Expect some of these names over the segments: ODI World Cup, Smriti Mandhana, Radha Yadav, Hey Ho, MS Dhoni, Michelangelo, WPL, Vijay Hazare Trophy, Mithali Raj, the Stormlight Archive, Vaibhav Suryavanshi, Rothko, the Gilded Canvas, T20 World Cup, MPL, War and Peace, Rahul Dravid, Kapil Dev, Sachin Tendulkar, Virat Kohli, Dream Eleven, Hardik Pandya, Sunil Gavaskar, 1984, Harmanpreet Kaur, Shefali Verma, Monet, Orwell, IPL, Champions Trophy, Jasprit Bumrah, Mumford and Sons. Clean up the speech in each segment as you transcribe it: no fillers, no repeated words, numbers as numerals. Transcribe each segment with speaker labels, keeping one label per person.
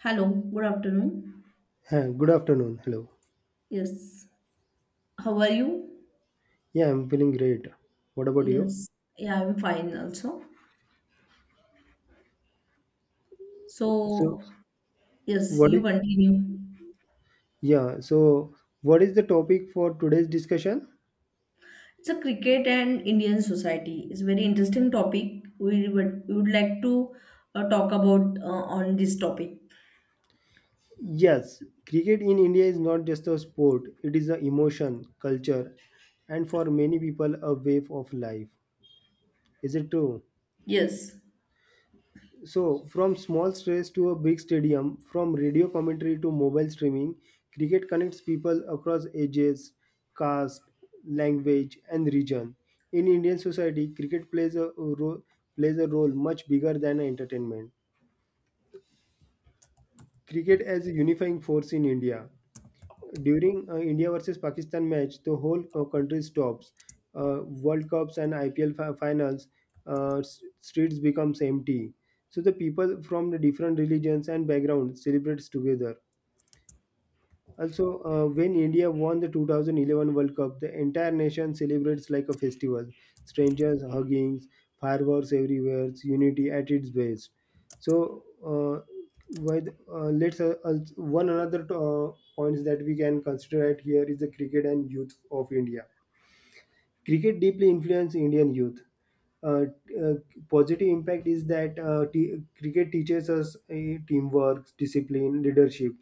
Speaker 1: Hello, good afternoon.
Speaker 2: Hi, good afternoon. Hello.
Speaker 1: Yes, how are you?
Speaker 2: Yeah, I'm feeling great. What about you?
Speaker 1: Yes, yeah, I'm fine also.
Speaker 2: So,
Speaker 1: So, yes,
Speaker 2: what
Speaker 1: you
Speaker 2: is,
Speaker 1: continue.
Speaker 2: yeah, so what is the topic for today's discussion?
Speaker 1: It's a cricket and Indian society. It's a very interesting topic. We would like to talk about on this topic.
Speaker 2: Yes, cricket in India is not just a sport, it is an emotion, culture, and for many people, a way of life. Is it true?
Speaker 1: Yes,
Speaker 2: So, from small stages to a big stadium, from radio commentary to mobile streaming, cricket connects people across ages, caste, language, and region. In Indian society, cricket plays a role much bigger than entertainment. Cricket as a unifying force in India: during India versus Pakistan match, the whole country stops. World Cups and IPL finals, streets becomes empty. So the people from the different religions and backgrounds celebrates together. Also, when India won the 2011 World Cup, the entire nation celebrates like a festival. Strangers hugging, fireworks everywhere, unity at its best. So, uh, one another points that we can consider at here is the cricket and youth of India. Cricket deeply influences Indian youth. Uh, uh, positive impact is that cricket teaches us teamwork, discipline, leadership,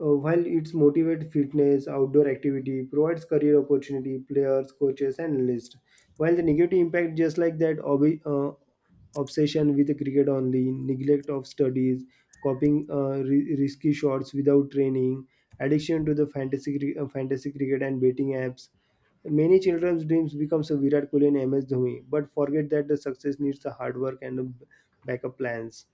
Speaker 2: while it's motivate fitness, outdoor activity, provides career opportunity, players, coaches, and analysts. While the negative impact, just like that, obsession with the cricket only, neglect of studies, copying risky shots without training, addiction to the fantasy cricket and betting apps. Many children's dreams becomes a Virat Kohli and MS Dhoni, but forget that the success needs the hard work and the backup plans.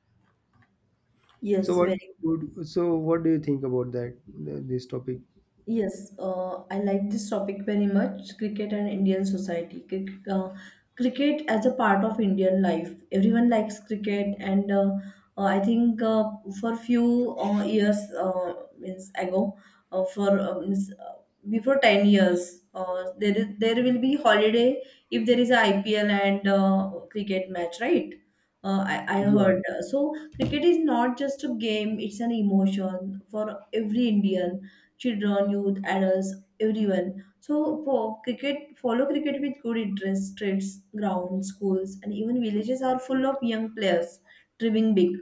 Speaker 2: So
Speaker 1: yes,
Speaker 2: what
Speaker 1: very
Speaker 2: so what do you think about this topic?
Speaker 1: Yes, uh, I like this topic very much, cricket and Indian society. Cricket as a part of Indian life. Everyone likes cricket, and I think for few years means ago, uh, for uh, means, uh, before 10 years, there will be holiday if there is a IPL and cricket match, right? I
Speaker 2: Yeah.
Speaker 1: heard. So cricket is not just a game; it's an emotion for every Indian children, youth, adults, everyone. So for cricket, follow cricket with good interest. Streets, grounds, schools, and even villages are full of young players dreaming big.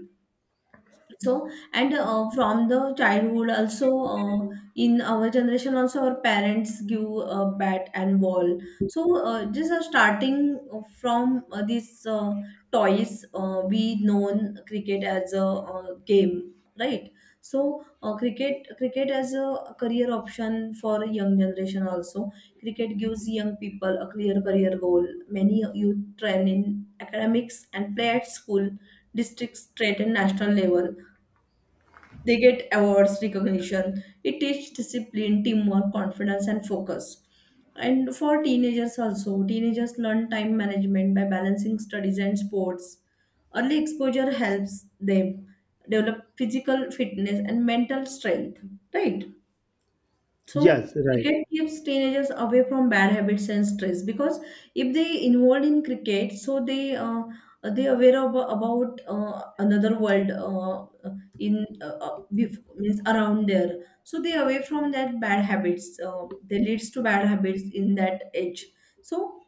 Speaker 1: So and from the childhood also, in our generation also, our parents give a bat and ball. So just starting from these toys, we known cricket as a game, right? So cricket as a career option for young generation also. Cricket gives young people a clear career goal. Many youth train in academics and play at school, districts, state, and national level. They get awards, recognition. It teaches discipline, teamwork, confidence, and focus. And for teenagers also, teenagers learn time management by balancing studies and sports. Early exposure helps them develop physical fitness and mental strength, right? So
Speaker 2: Yes, right.
Speaker 1: cricket keeps teenagers away from bad habits and stress, because if they involved in cricket, so they aware of, about another world in bef- means around there. So they away from that bad habits. They leads to bad habits in that age. So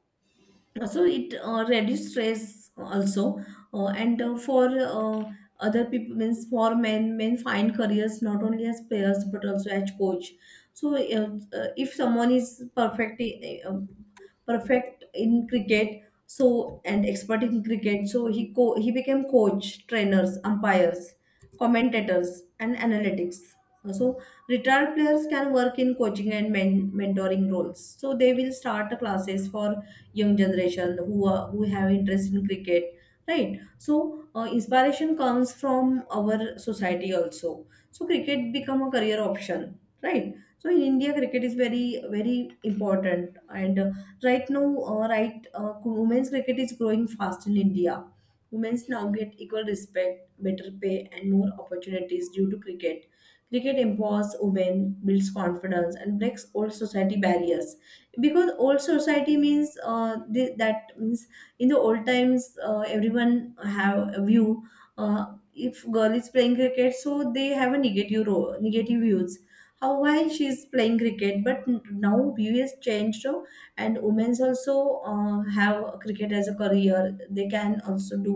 Speaker 1: it reduce stress also. And for other people, means for men find careers not only as players but also as coach. So if someone is perfect in cricket, so and expert in cricket, so he became coach, trainers, umpires, commentators, and analytics. So retired players can work in coaching and mentoring roles, so they will start classes for young generation who have interest in cricket, right? So inspiration comes from our society also, so cricket become a career option, right? So in India, cricket is very very important. And right now, women's cricket is growing fast in India. Women's now get equal respect, better pay, and more opportunities due to cricket. Cricket empowers women, builds confidence, and breaks old society barriers. Because old society, means that means in the old times, everyone have a view, uh, if girl is playing cricket, so they have a negative role, negative views, how why she is playing cricket. But now view has changed. So and women's also have cricket as a career, they can also do.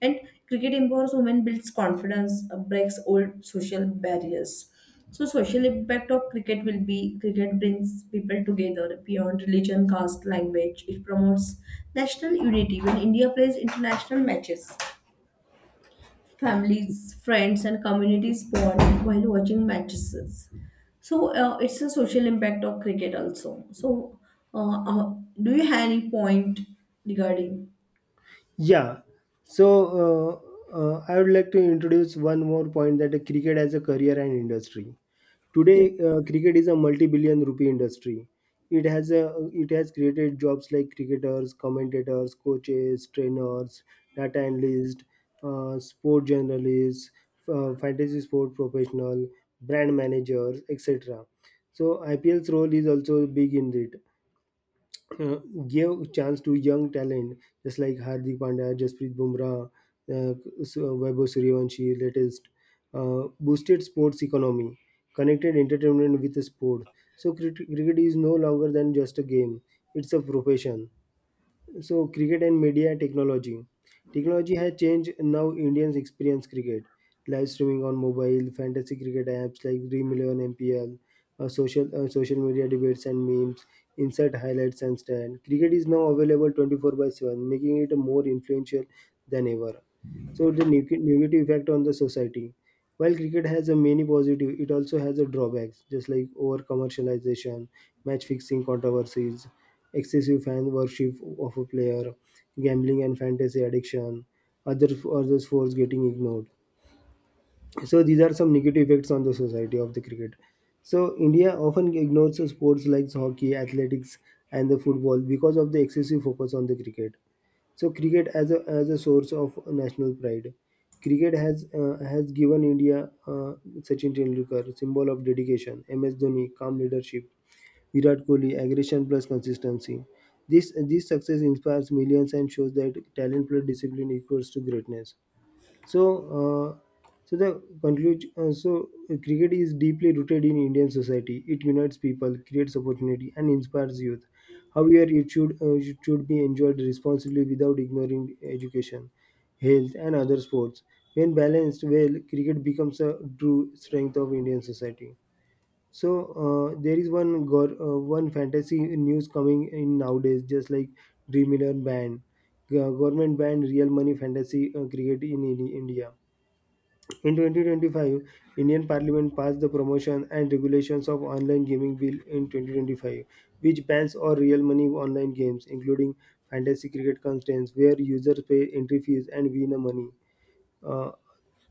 Speaker 1: And cricket empowers women, builds confidence, breaks old social barriers. So social impact of cricket will be cricket brings people together beyond religion, caste, language. It promotes national unity. When India plays international matches, families, friends, and communities bond while watching matches. So it's a social impact of cricket also. So uh, uh, do you have any point regarding?
Speaker 2: Yeah. So I would like to introduce one more point: that cricket as a career and industry.
Speaker 1: Yes.
Speaker 2: Today, cricket is a multi-billion rupee industry. It has created jobs like cricketers, commentators, coaches, trainers, data analysts, sport journalists, fantasy sport professional, brand managers, etc. So IPL's role is also big in it. uh, gave chance to young talent just like Hardik Pandya, Jasprit Bumrah, uh, Vaibhav Suryavanshi, latest, boosted sports economy, connected entertainment with sport. So cricket is no longer than just a game; it's a profession. So, cricket and media technology. Technology has changed now Indians experience cricket. Live streaming on mobile, fantasy cricket apps like Dream 11 MPL, social media debates and memes, insert highlights and stand. Cricket is now available 24 by 7, making it more influential than ever. So, the negative effect on the society. While cricket has a many positive, it also has a drawbacks, just like over commercialization, match fixing controversies, excessive fan worship of a player, gambling and fantasy addiction, other other sports getting ignored. So these are some negative effects on the society of the cricket. So India often ignores sports like hockey, athletics, and the football because of the excessive focus on the cricket. So cricket as a source of national pride. Cricket has given India Sachin Tendulkar, symbol of dedication; MS Dhoni, calm leadership; Virat Kohli, aggression plus consistency. This success inspires millions and shows that talent plus discipline equals to greatness. So, the conclusion. Cricket is deeply rooted in Indian society. It unites people, creates opportunity, and inspires youth. However, it should be enjoyed responsibly without ignoring education, health, and other sports. When balanced well, cricket becomes a true strength of Indian society. So there is one fantasy news coming in nowadays, just like Dream 11 ban. Government banned real money fantasy cricket in India. In 2025, Indian Parliament passed the Promotion and Regulations of Online Gaming Bill in 2025, which bans all real money online games, including fantasy cricket contents where users pay entry fees and win money. Uh,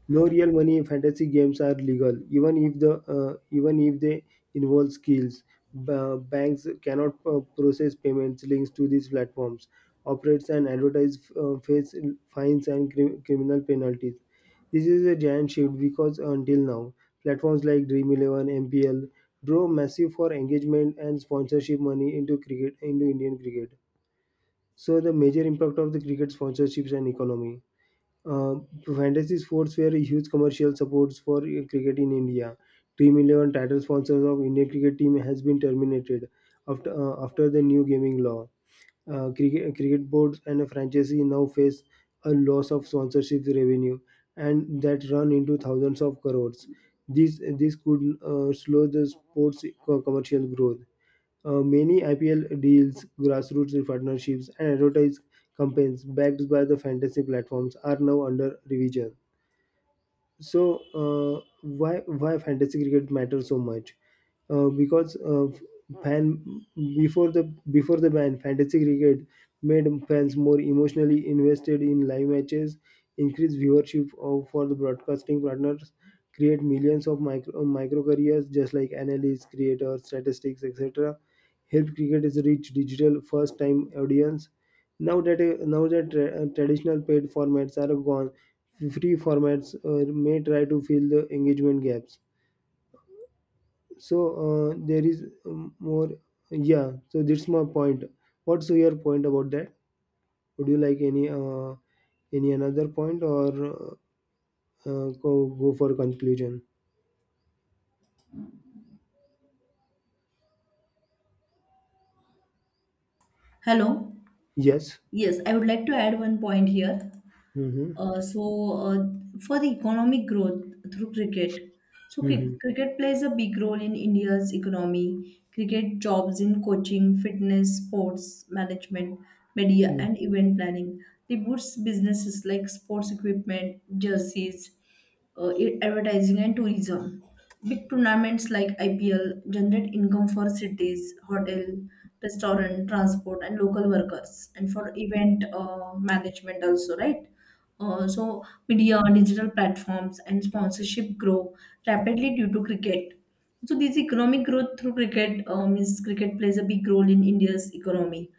Speaker 2: no real money fantasy games are legal, even if they involve skills. Banks cannot process payments links to these platforms, operates and advertise, face fines and criminal penalties. This is a giant shift because until now, platforms like Dream 11, MPL draw massive for engagement and sponsorship money into cricket into Indian cricket. So the major impact of the cricket sponsorships and economy. Uh, fantasy sports were huge commercial supports for cricket in India. Team 11 title sponsors of Indian cricket team has been terminated after the new gaming law. Cricket boards and a franchisee now face a loss of sponsorship revenue and that run into thousands of crores. This could slow the sports commercial growth. Many IPL deals, grassroots partnerships, and advertising campaigns backed by the fantasy platforms are now under revision. So, why fantasy cricket matters so much? Because fan before the before the ban, fantasy cricket made fans more emotionally invested in live matches, increased viewership of, for the broadcasting partners, create millions of micro careers just like analysts, creators, statistics, etc helped cricket its reach digital first time audience. Now that traditional paid formats are gone, free formats may try to fill the engagement gaps. So there is more. Yeah. So that's my point. What's your point about that? Would you like any another point, or go for conclusion?
Speaker 1: Hello.
Speaker 2: Yes.
Speaker 1: Yes, I would like to add one point here.
Speaker 2: Mm-hmm.
Speaker 1: Uh, so, uh, for the economic growth through cricket, so
Speaker 2: Mm-hmm.
Speaker 1: cricket plays a big role in India's economy. Cricket jobs in coaching, fitness, sports management, media, and event planning. They boosts businesses like sports equipment, jerseys, advertising, and tourism. Big tournaments like IPL generate income for cities, hotel, restaurant, transport, and local workers, and for event management also, right? So media, digital platforms, and sponsorship grow rapidly due to cricket. So this economic growth through cricket means cricket plays a big role in India's economy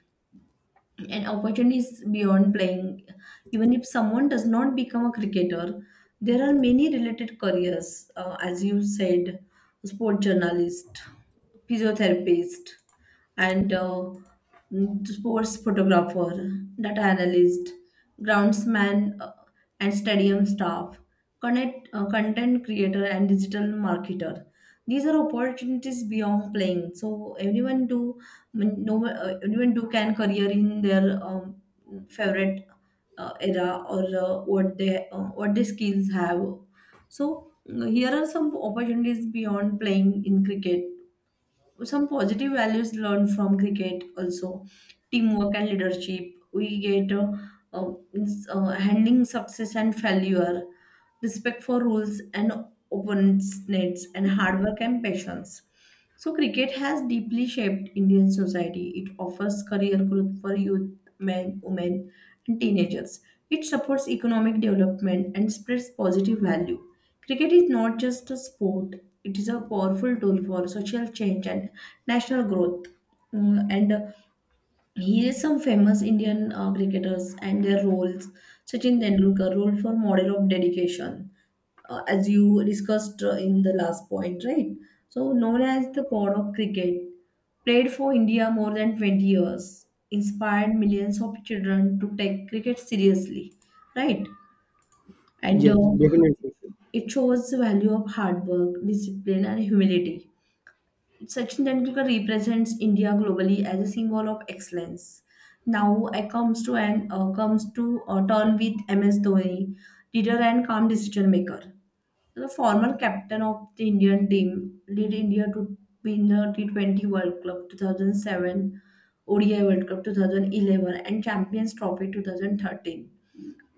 Speaker 1: and opportunities beyond playing. Even if someone does not become a cricketer, there are many related careers, as you said, sport journalist, physiotherapist, and sports photographer, data analyst, groundsman, and stadium staff, connect, content creator, and digital marketer. These are opportunities beyond playing. So anyone do mm, no anyone do can career in their favorite era or what the skills have. So here are some opportunities beyond playing in cricket. Some positive values learned from cricket also: teamwork and leadership we get, handling success and failure, respect for rules and opponents, nets, and hard work and patience. So cricket has deeply shaped Indian society. It offers career growth for youth, men, women, and teenagers. It supports economic development and spreads positive value. Cricket is not just a sport, it is a powerful tool for social change and national growth. Mm, And Here is some famous Indian cricketers and their roles. Sachin Tendulkar, role for model of dedication, as you discussed in the last point, right? So known as the god of cricket, played for India more than 20 years, inspired millions of children to take cricket seriously, right? And
Speaker 2: Yes, definitely.
Speaker 1: it shows the value of hard work, discipline, and humility. Sachin Tendulkar represents India globally as a symbol of excellence. Now I comes to an comes to a turn with MS Dhoni, leader and calm decision maker. So, the former captain of the Indian team led India to win the T20 World Cup 2007, ODI World Cup 2011, and Champions Trophy 2013.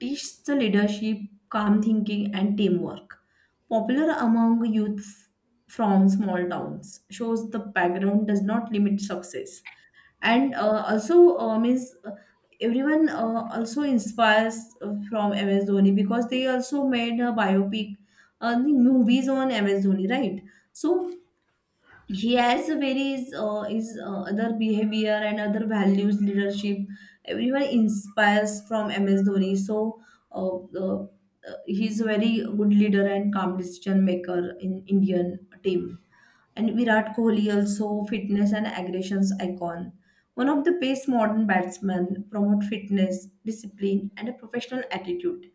Speaker 1: Teaches the leadership, calm thinking, and teamwork. Popular among youth from small towns, shows the background does not limit success. And also means everyone also inspires from MS Dhoni, because they also made a biopic, movies on MS Dhoni, right? So he has a very his other behavior and other values, leadership. Everyone inspires from MS Dhoni. So uh, uh, uh, he's a very good leader and calm decision maker in Indian team. And Virat Kohli also, fitness and aggressions icon, one of the best modern batsmen, promote fitness, discipline, and a professional attitude.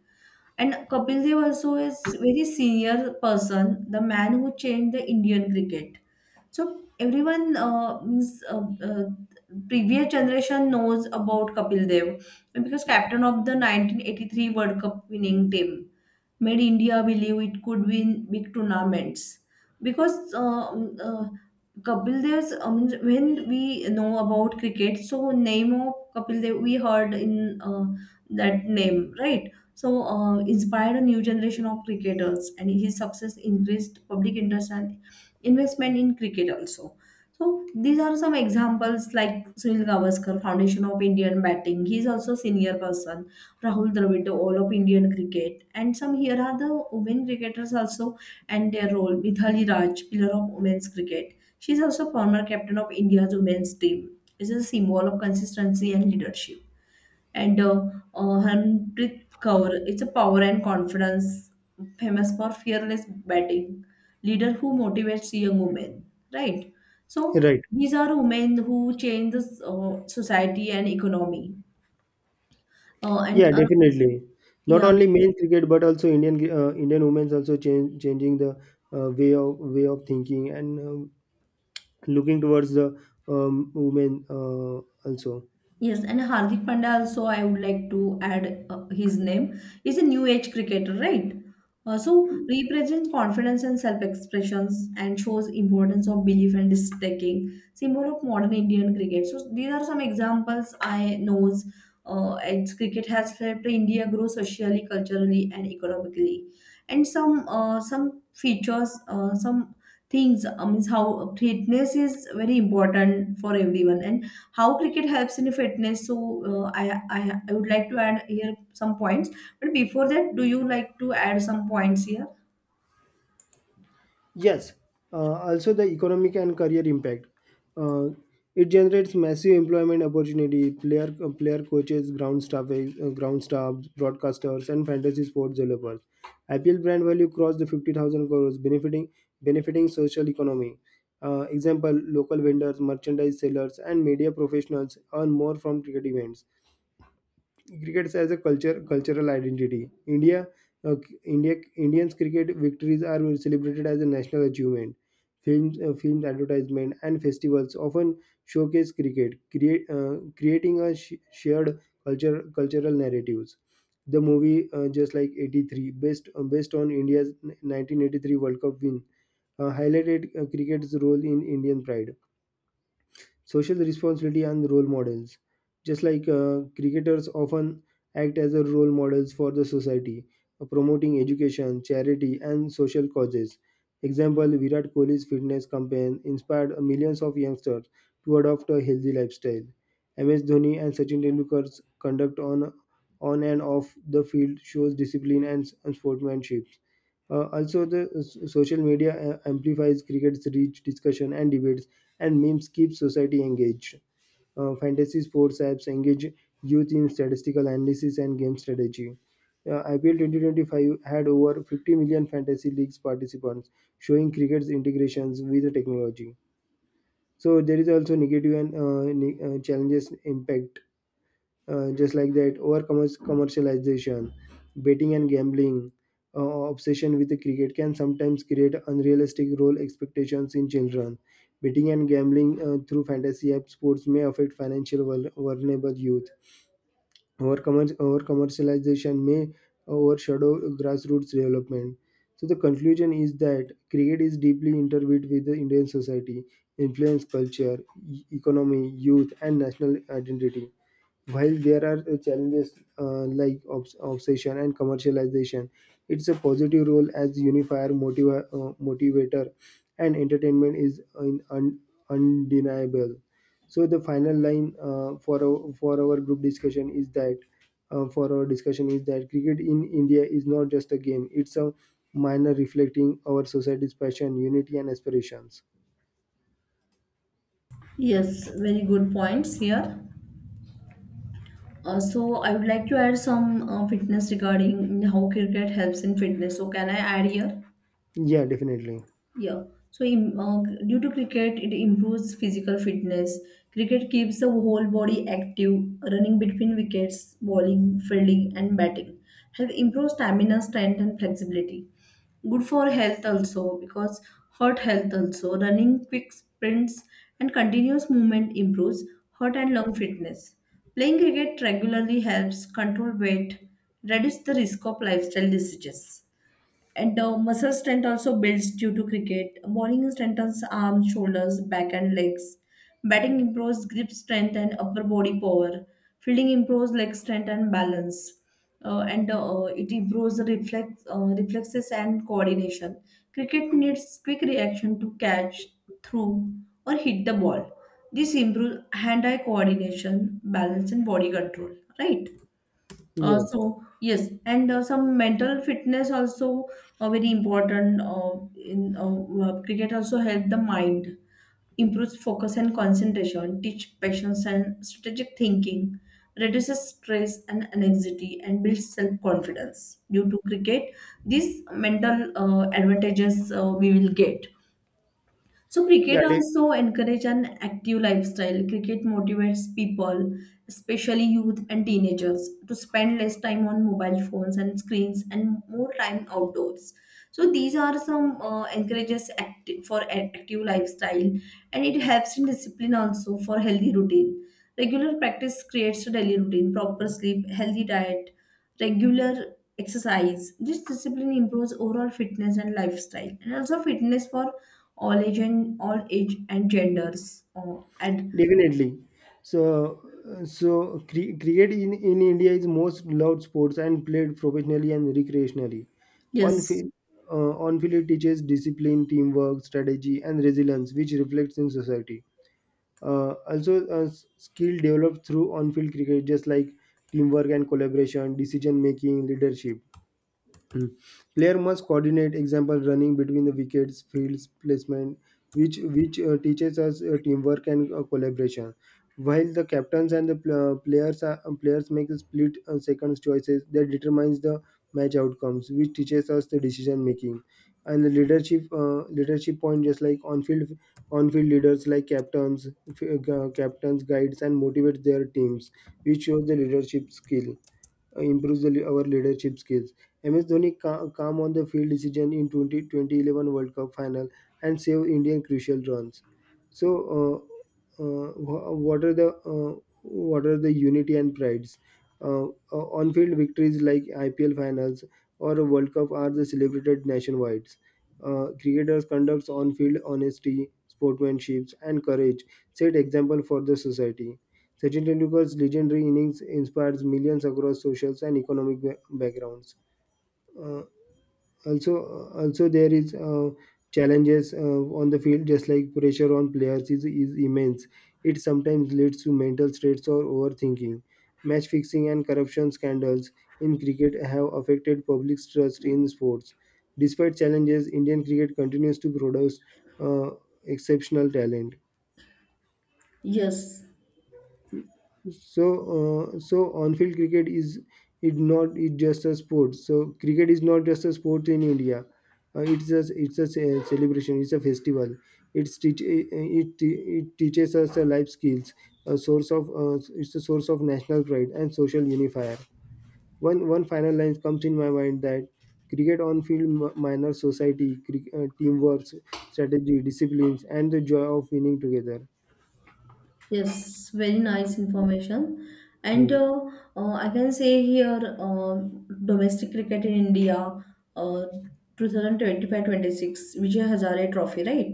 Speaker 1: And Kapil Dev also is very senior person, the man who changed the Indian cricket. So everyone, means previous generation knows about Kapil Dev, because captain of the 1983 World Cup winning team, made India believe it could win big tournaments. Because uh, Kapil Dev's, I, when we know about cricket, so name of Kapil Dev, we heard in that name, right? So inspired a new generation of cricketers, and his success increased public interest and investment in cricket also. So these are some examples like Sunil Gavaskar, foundation of Indian batting. He is also senior person. Rahul Dravid, all of Indian cricket. And some, here are the women cricketers also and their role. Mithali Raj, pillar of women's cricket. She is also former captain of India's women's team. It is a symbol of consistency and leadership. And Harmanpreet Kaur, it's a power and confidence, famous for fearless batting, leader who motivates young women, right? So
Speaker 2: Right.
Speaker 1: these are women who change the society and economy.
Speaker 2: Yeah,
Speaker 1: And
Speaker 2: definitely. Not
Speaker 1: Yeah,
Speaker 2: only men's cricket, but also Indian women's also changing the way of thinking and looking towards the women, also.
Speaker 1: yes, and Hardik Pandya also I would like to add his name. He's a new age cricketer, right? So represents confidence and self-expressions and shows importance of belief and risk-taking, symbol of modern Indian cricket. So these are some examples I knows. As cricket has helped India grow socially, culturally, and economically. And some features, some things, means how fitness is very important for everyone, and how cricket helps in fitness. So uh, I, I I would like to add here some points, but before that, do you like to add some points here?
Speaker 2: Yes, also the economic and career impact. Uh, it generates massive employment opportunity. Player coaches, ground staff, broadcasters, and fantasy sports developers. IPL brand value crossed the 50,000 crores, benefiting social economy. Example: local vendors, merchandise sellers, and media professionals earn more from cricket events. Cricket as a culture, cultural identity. Uh, Indians cricket victories are celebrated as a national achievement. Films, advertisement, and festivals often showcase cricket, creating a shared cultural narratives. The movie, just like '83, based on India's 1983 World Cup win, highlighted cricket's role in Indian pride, social responsibility, and role models. Just like cricketers often act as a role models for the society, promoting education, charity, and social causes. Example: Virat Kohli's fitness campaign inspired millions of youngsters to adopt a healthy lifestyle. MS Dhoni and Sachin Tendulkar's conduct on and off the field shows discipline and sportsmanship. Also, the social media amplifies cricket's reach, discussion, and debates, and memes keep society engaged. Fantasy sports apps engage youth in statistical analysis and game strategy. IPL 2025 had over 50 million fantasy leagues participants, showing cricket's integrations with the technology. So there is also negative and challenges impact, just like that over commercialization, betting and gambling. Obsession with the cricket can sometimes create unrealistic role expectations in children. Betting and gambling through fantasy app sports may affect financial vulnerable youth. Over commercialization may overshadow grassroots development. So the conclusion is that cricket is deeply intertwined with the Indian society, influence culture, economy, youth, and national identity. While there are challenges, like obsession and commercialization, it's a positive role as unifier, motivator, and entertainment is undeniable. So the final line for our group discussion is that cricket in India is not just a game; it's a minor reflecting our society's passion, unity, and aspirations.
Speaker 1: Yes, very good points here. So I would like to add some fitness regarding how cricket helps in fitness. So can I add here?
Speaker 2: Yeah, definitely.
Speaker 1: Yeah. So, due to cricket, it improves physical fitness. Cricket keeps the whole body active, running between wickets, bowling, fielding, and batting. Help improve stamina, strength, and flexibility. Good for health also, because heart health also. Running quick sprints and continuous movement improves heart and lung fitness. Playing cricket regularly helps control weight, reduce the risk of lifestyle diseases. And the muscle strength also builds due to cricket. Bowling strengthens arms, shoulders, back, and legs. Batting improves grip strength and upper body power. Fielding improves leg strength and balance. And It improves the reflexes and coordination. Cricket needs quick reaction to catch, throw, or hit the ball. This improves hand eye coordination, balance, and body control. Right? Uh,
Speaker 2: Yes.
Speaker 1: so yes, and some mental fitness also, very important. In Cricket also help the mind, improves focus and concentration, teach patience and strategic thinking, reduces stress and anxiety, and builds self confidence. Due to cricket, these mental advantages we will get. So
Speaker 2: Yeah,
Speaker 1: cricket also encourage an active lifestyle. Cricket motivates people, especially youth and teenagers, to spend less time on mobile phones and screens and more time outdoors. So these are some encourages active active lifestyle, and it helps in discipline also for healthy routine. Regular practice creates a daily routine, proper sleep, healthy diet, regular exercise. This discipline improves overall fitness and lifestyle, and also fitness for all age and genders. Oh, and
Speaker 2: definitely. So, cricket in India is most loved sports and played professionally and recreationally. On
Speaker 1: yes,
Speaker 2: field, on field, it teaches discipline, teamwork, strategy, and resilience, which reflects in society. Also, skill developed through on-field cricket, just like teamwork and collaboration, decision making, leadership. Mm. Player must coordinate example running between the wickets, fields, placement, which teaches us teamwork and collaboration. While the captains and the players make the split, seconds choices that determines the match outcomes, which teaches us the decision making and the leadership point, just like on field leaders like captains captains guides and motivates their teams, which shows the leadership skill, improves our leadership skills. MS Dhoni calm on the field decision in 20 2011 World Cup final and save Indian crucial runs. So, what are the unity and prides? On-field victories like IPL finals or a World Cup are the celebrated nationwide. Cricketers conducts on-field honesty, sportsmanship, and courage set example for the society. Sachin Tendulkar's legendary innings inspires millions across socials and economic backgrounds. Uh, also, also there is challenges on the field, just like pressure on players is immense. It sometimes leads to mental states or overthinking. Match fixing and corruption scandals in cricket have affected public's trust in sports. Despite challenges, Indian cricket continues to produce uh, exceptional talent.
Speaker 1: yes.
Speaker 2: So on-field cricket is it not it just a sport. So cricket is not just a sport in India. Celebration. It's a festival. It teaches us the life skills. A source of it's a source of national pride and social unifier. One final line comes in my mind that cricket on-field minor society, teamwork, strategy, disciplines, and the joy of winning together.
Speaker 1: Yes, very nice information. And
Speaker 2: Hmm.
Speaker 1: I can say here domestic cricket in India, uh, 2025-26 Vijay Hazare Trophy, right?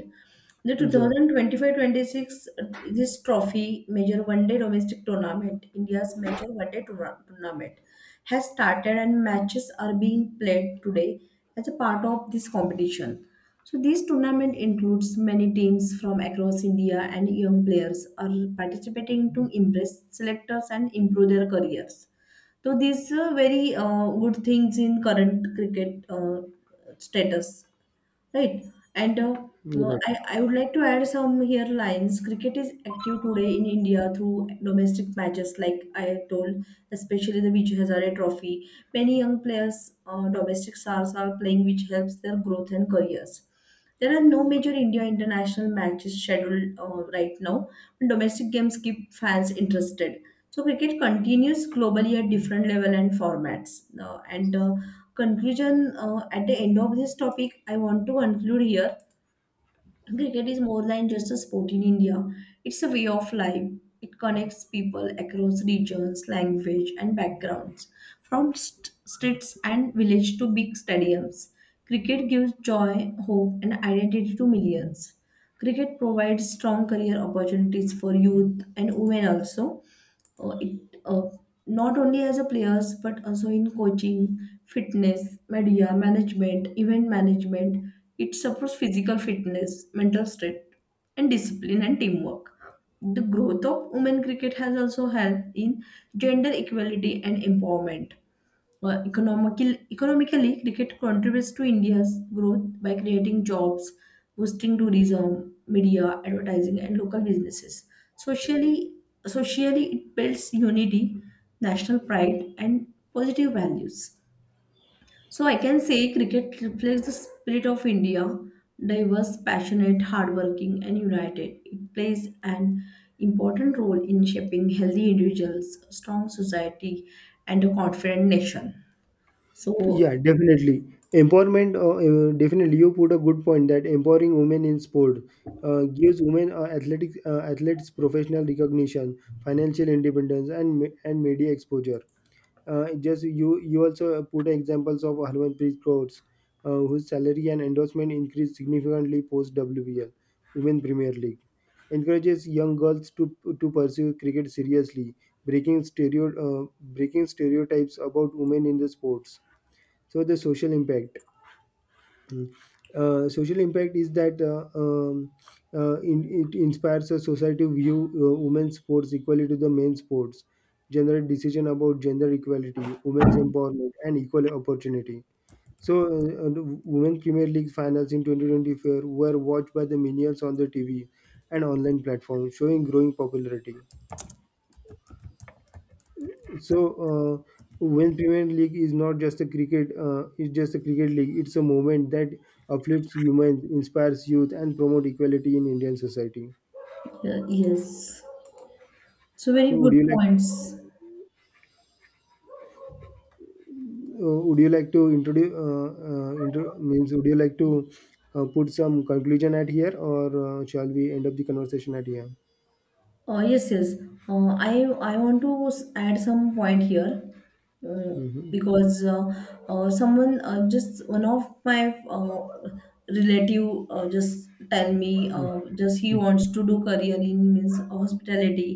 Speaker 1: The
Speaker 2: Yeah,
Speaker 1: 2025-26, this trophy major 1 day domestic tournament, India's major 1 day tournament has started and matches are being played today as a part of this competition. So this tournament includes many teams from across India and young players are participating to impress selectors and improve their careers. So these are very good things in current cricket status. Right. And uh, uh,
Speaker 2: right.
Speaker 1: I, I would like to add some here lines. Cricket is active today in India through domestic matches, like I told, especially the Vijay Hazare Trophy. Many young players, domestic stars, are playing, which helps their growth and careers. There are no major India international matches scheduled right now, but domestic games keep fans interested. So cricket continues globally at different level and formats. And conclusion at the end of this topic, I want to conclude here. Cricket is more than just a sport in India. It's a way of life. It connects people across regions, language, and backgrounds. From streets and village to big stadiums, cricket gives joy, hope, and identity to millions. Cricket provides strong career opportunities for youth and women also, it uh, not only as a players but also in coaching, fitness, media management, event management. It supports physical fitness, mental strength, and discipline and teamwork. The growth of women cricket has also helped in gender equality and empowerment. Economically, cricket contributes to India's growth by creating jobs, boosting tourism, media, advertising, and local businesses. Socially, socially, it builds unity, national pride, and positive values. So I can say cricket reflects the spirit of India, diverse, passionate, hardworking, and united. It plays an important role in shaping healthy individuals, strong society, and a confident nation. So,
Speaker 2: Yeah, definitely. Empowerment, definitely. You put a good point that empowering women in sport gives women athletic athletes professional recognition, financial independence, and media exposure. Just you also put examples of Harmanpreet Kaur, whose salary and endorsement increased significantly post WPL, Women Premier League, encourages young girls to pursue cricket seriously, breaking stereo uh, breaking stereotypes about women in the sports, so the social impact. Mm. Social impact is that it inspires a society to view women's sports equally to the men's sports, generate decision about gender equality, women's empowerment, and equal opportunity. So the women's premier league finals in 2024 were watched by the millions on the tv and online platforms, showing growing popularity. So, uh, when Premier League is not just a cricket, it's just a cricket league. It's a movement that uplifts humans, inspires youth, and promote equality in Indian society.
Speaker 1: yes. So, very
Speaker 2: So, would
Speaker 1: good
Speaker 2: you like,
Speaker 1: points.
Speaker 2: would you like to introduce, means would you like to put some conclusion at here, or shall we end up the conversation at here?
Speaker 1: Oh, yes, yes. Uh, I I want to add some point here, uh,
Speaker 2: Mhm.
Speaker 1: because someone, just one of my relative, just tell me,
Speaker 2: Mm.
Speaker 1: just he
Speaker 2: Mm.
Speaker 1: wants to do career in means hospitality,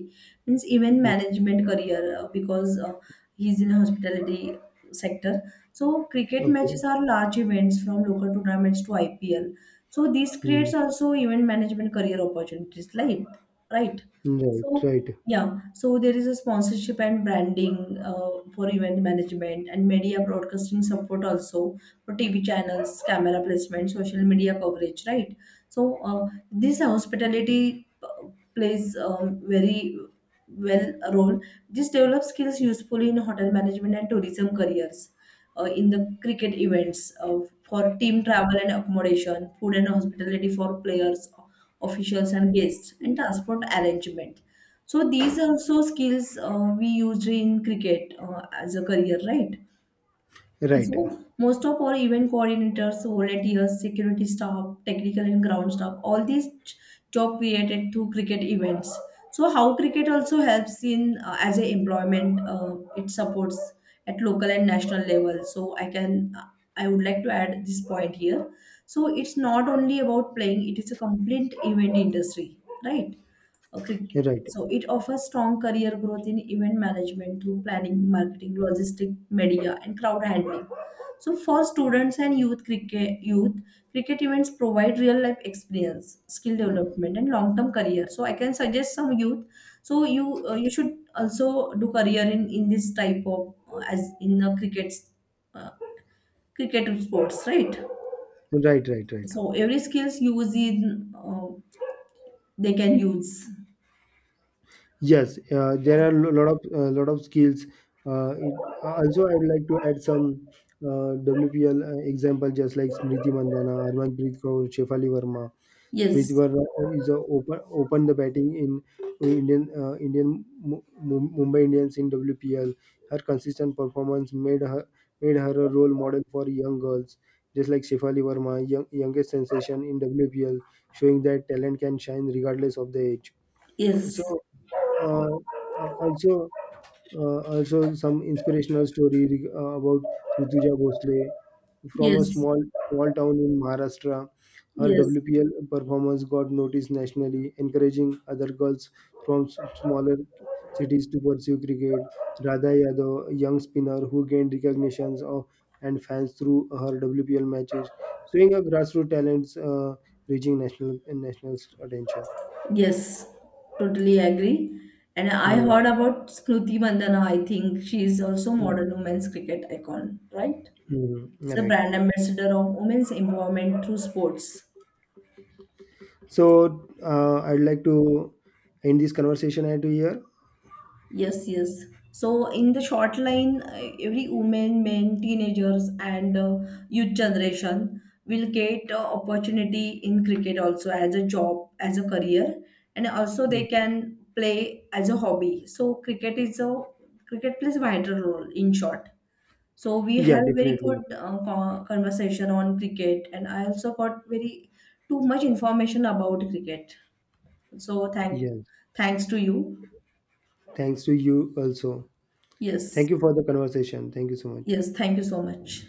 Speaker 1: means event
Speaker 2: Mm.
Speaker 1: management career, because he's in hospitality sector. So cricket
Speaker 2: Okay.
Speaker 1: matches are large events from local tournaments to IPL. So this
Speaker 2: Mm.
Speaker 1: creates also event management career opportunities, like, right?
Speaker 2: Right.
Speaker 1: So
Speaker 2: Right.
Speaker 1: yeah, so there is a sponsorship and branding for event management and media broadcasting support also for TV channels, camera placement, social media coverage, right? So this hospitality plays very well a role. This develops skills useful in hotel management and tourism careers. In the cricket events, for team travel and accommodation, food and hospitality for players, officials and guests, and transport arrangement, so these also skills we used in cricket as a career, right?
Speaker 2: Right.
Speaker 1: So most of our event coordinators, volunteers, security staff, technical and ground staff, all these job created through cricket events. So how cricket also helps in as a employment, it supports at local and national level. So I would like to add this point here. So it's not only about playing; it is a complete event industry, right? Okay,
Speaker 2: Right.
Speaker 1: so it offers strong career growth in event management through planning, marketing, logistic, media, and crowd handling. So for students and youth cricket events provide real life experience, skill development, and long term career. So I can suggest some youth. So you should also do career in this type of as in the uh, cricket sports, right?
Speaker 2: Right. Right. Right.
Speaker 1: So every skills used in they can use.
Speaker 2: Yes, there are a lot of skills. Uh, it, also, I'd like to add some WPL example, just like Smriti Mandhana, Harmanpreet Kaur, Shefali Verma. Smriti
Speaker 1: Yes,
Speaker 2: Verma is a open the batting in Indian Mumbai Indians in WPL. Her consistent performance made her a role model for young girls, just like Shefali Verma, young, youngest sensation in WPL, showing that talent can shine regardless of the age. So
Speaker 1: yes.
Speaker 2: uh, uh, also also some inspirational story about Rutuja Bhosle from a
Speaker 1: Yes,
Speaker 2: small town in Maharashtra. Her
Speaker 1: yes,
Speaker 2: WPL performance got noticed nationally, encouraging other girls from smaller cities to pursue cricket. Radha Yadav, a young spinner who gained recognitions of, and fans through her WPL matches, showing her grassroots talents reaching national attention.
Speaker 1: yes, totally agree. And I
Speaker 2: Uh,
Speaker 1: heard about Smriti Mandhana. I think she is also
Speaker 2: mm,
Speaker 1: modern women's cricket icon, right? She's a
Speaker 2: right.
Speaker 1: brand ambassador of women's empowerment through sports.
Speaker 2: So I'd like to end this conversation at here.
Speaker 1: Yes, yes. So in the short line, every woman, men, teenagers, and youth generation will get opportunity in cricket also as a job, as a career, and also
Speaker 2: Mm.
Speaker 1: they can play as a hobby. Cricket plays a vital role in short. So we
Speaker 2: Yeah,
Speaker 1: have very
Speaker 2: definitely.
Speaker 1: good conversation on cricket, and I also got very too much information about cricket. So
Speaker 2: Yes.
Speaker 1: thanks to you.
Speaker 2: Thanks to you also.
Speaker 1: Yes.
Speaker 2: Thank you for the conversation. Thank you so much.
Speaker 1: Yes, thank you so much.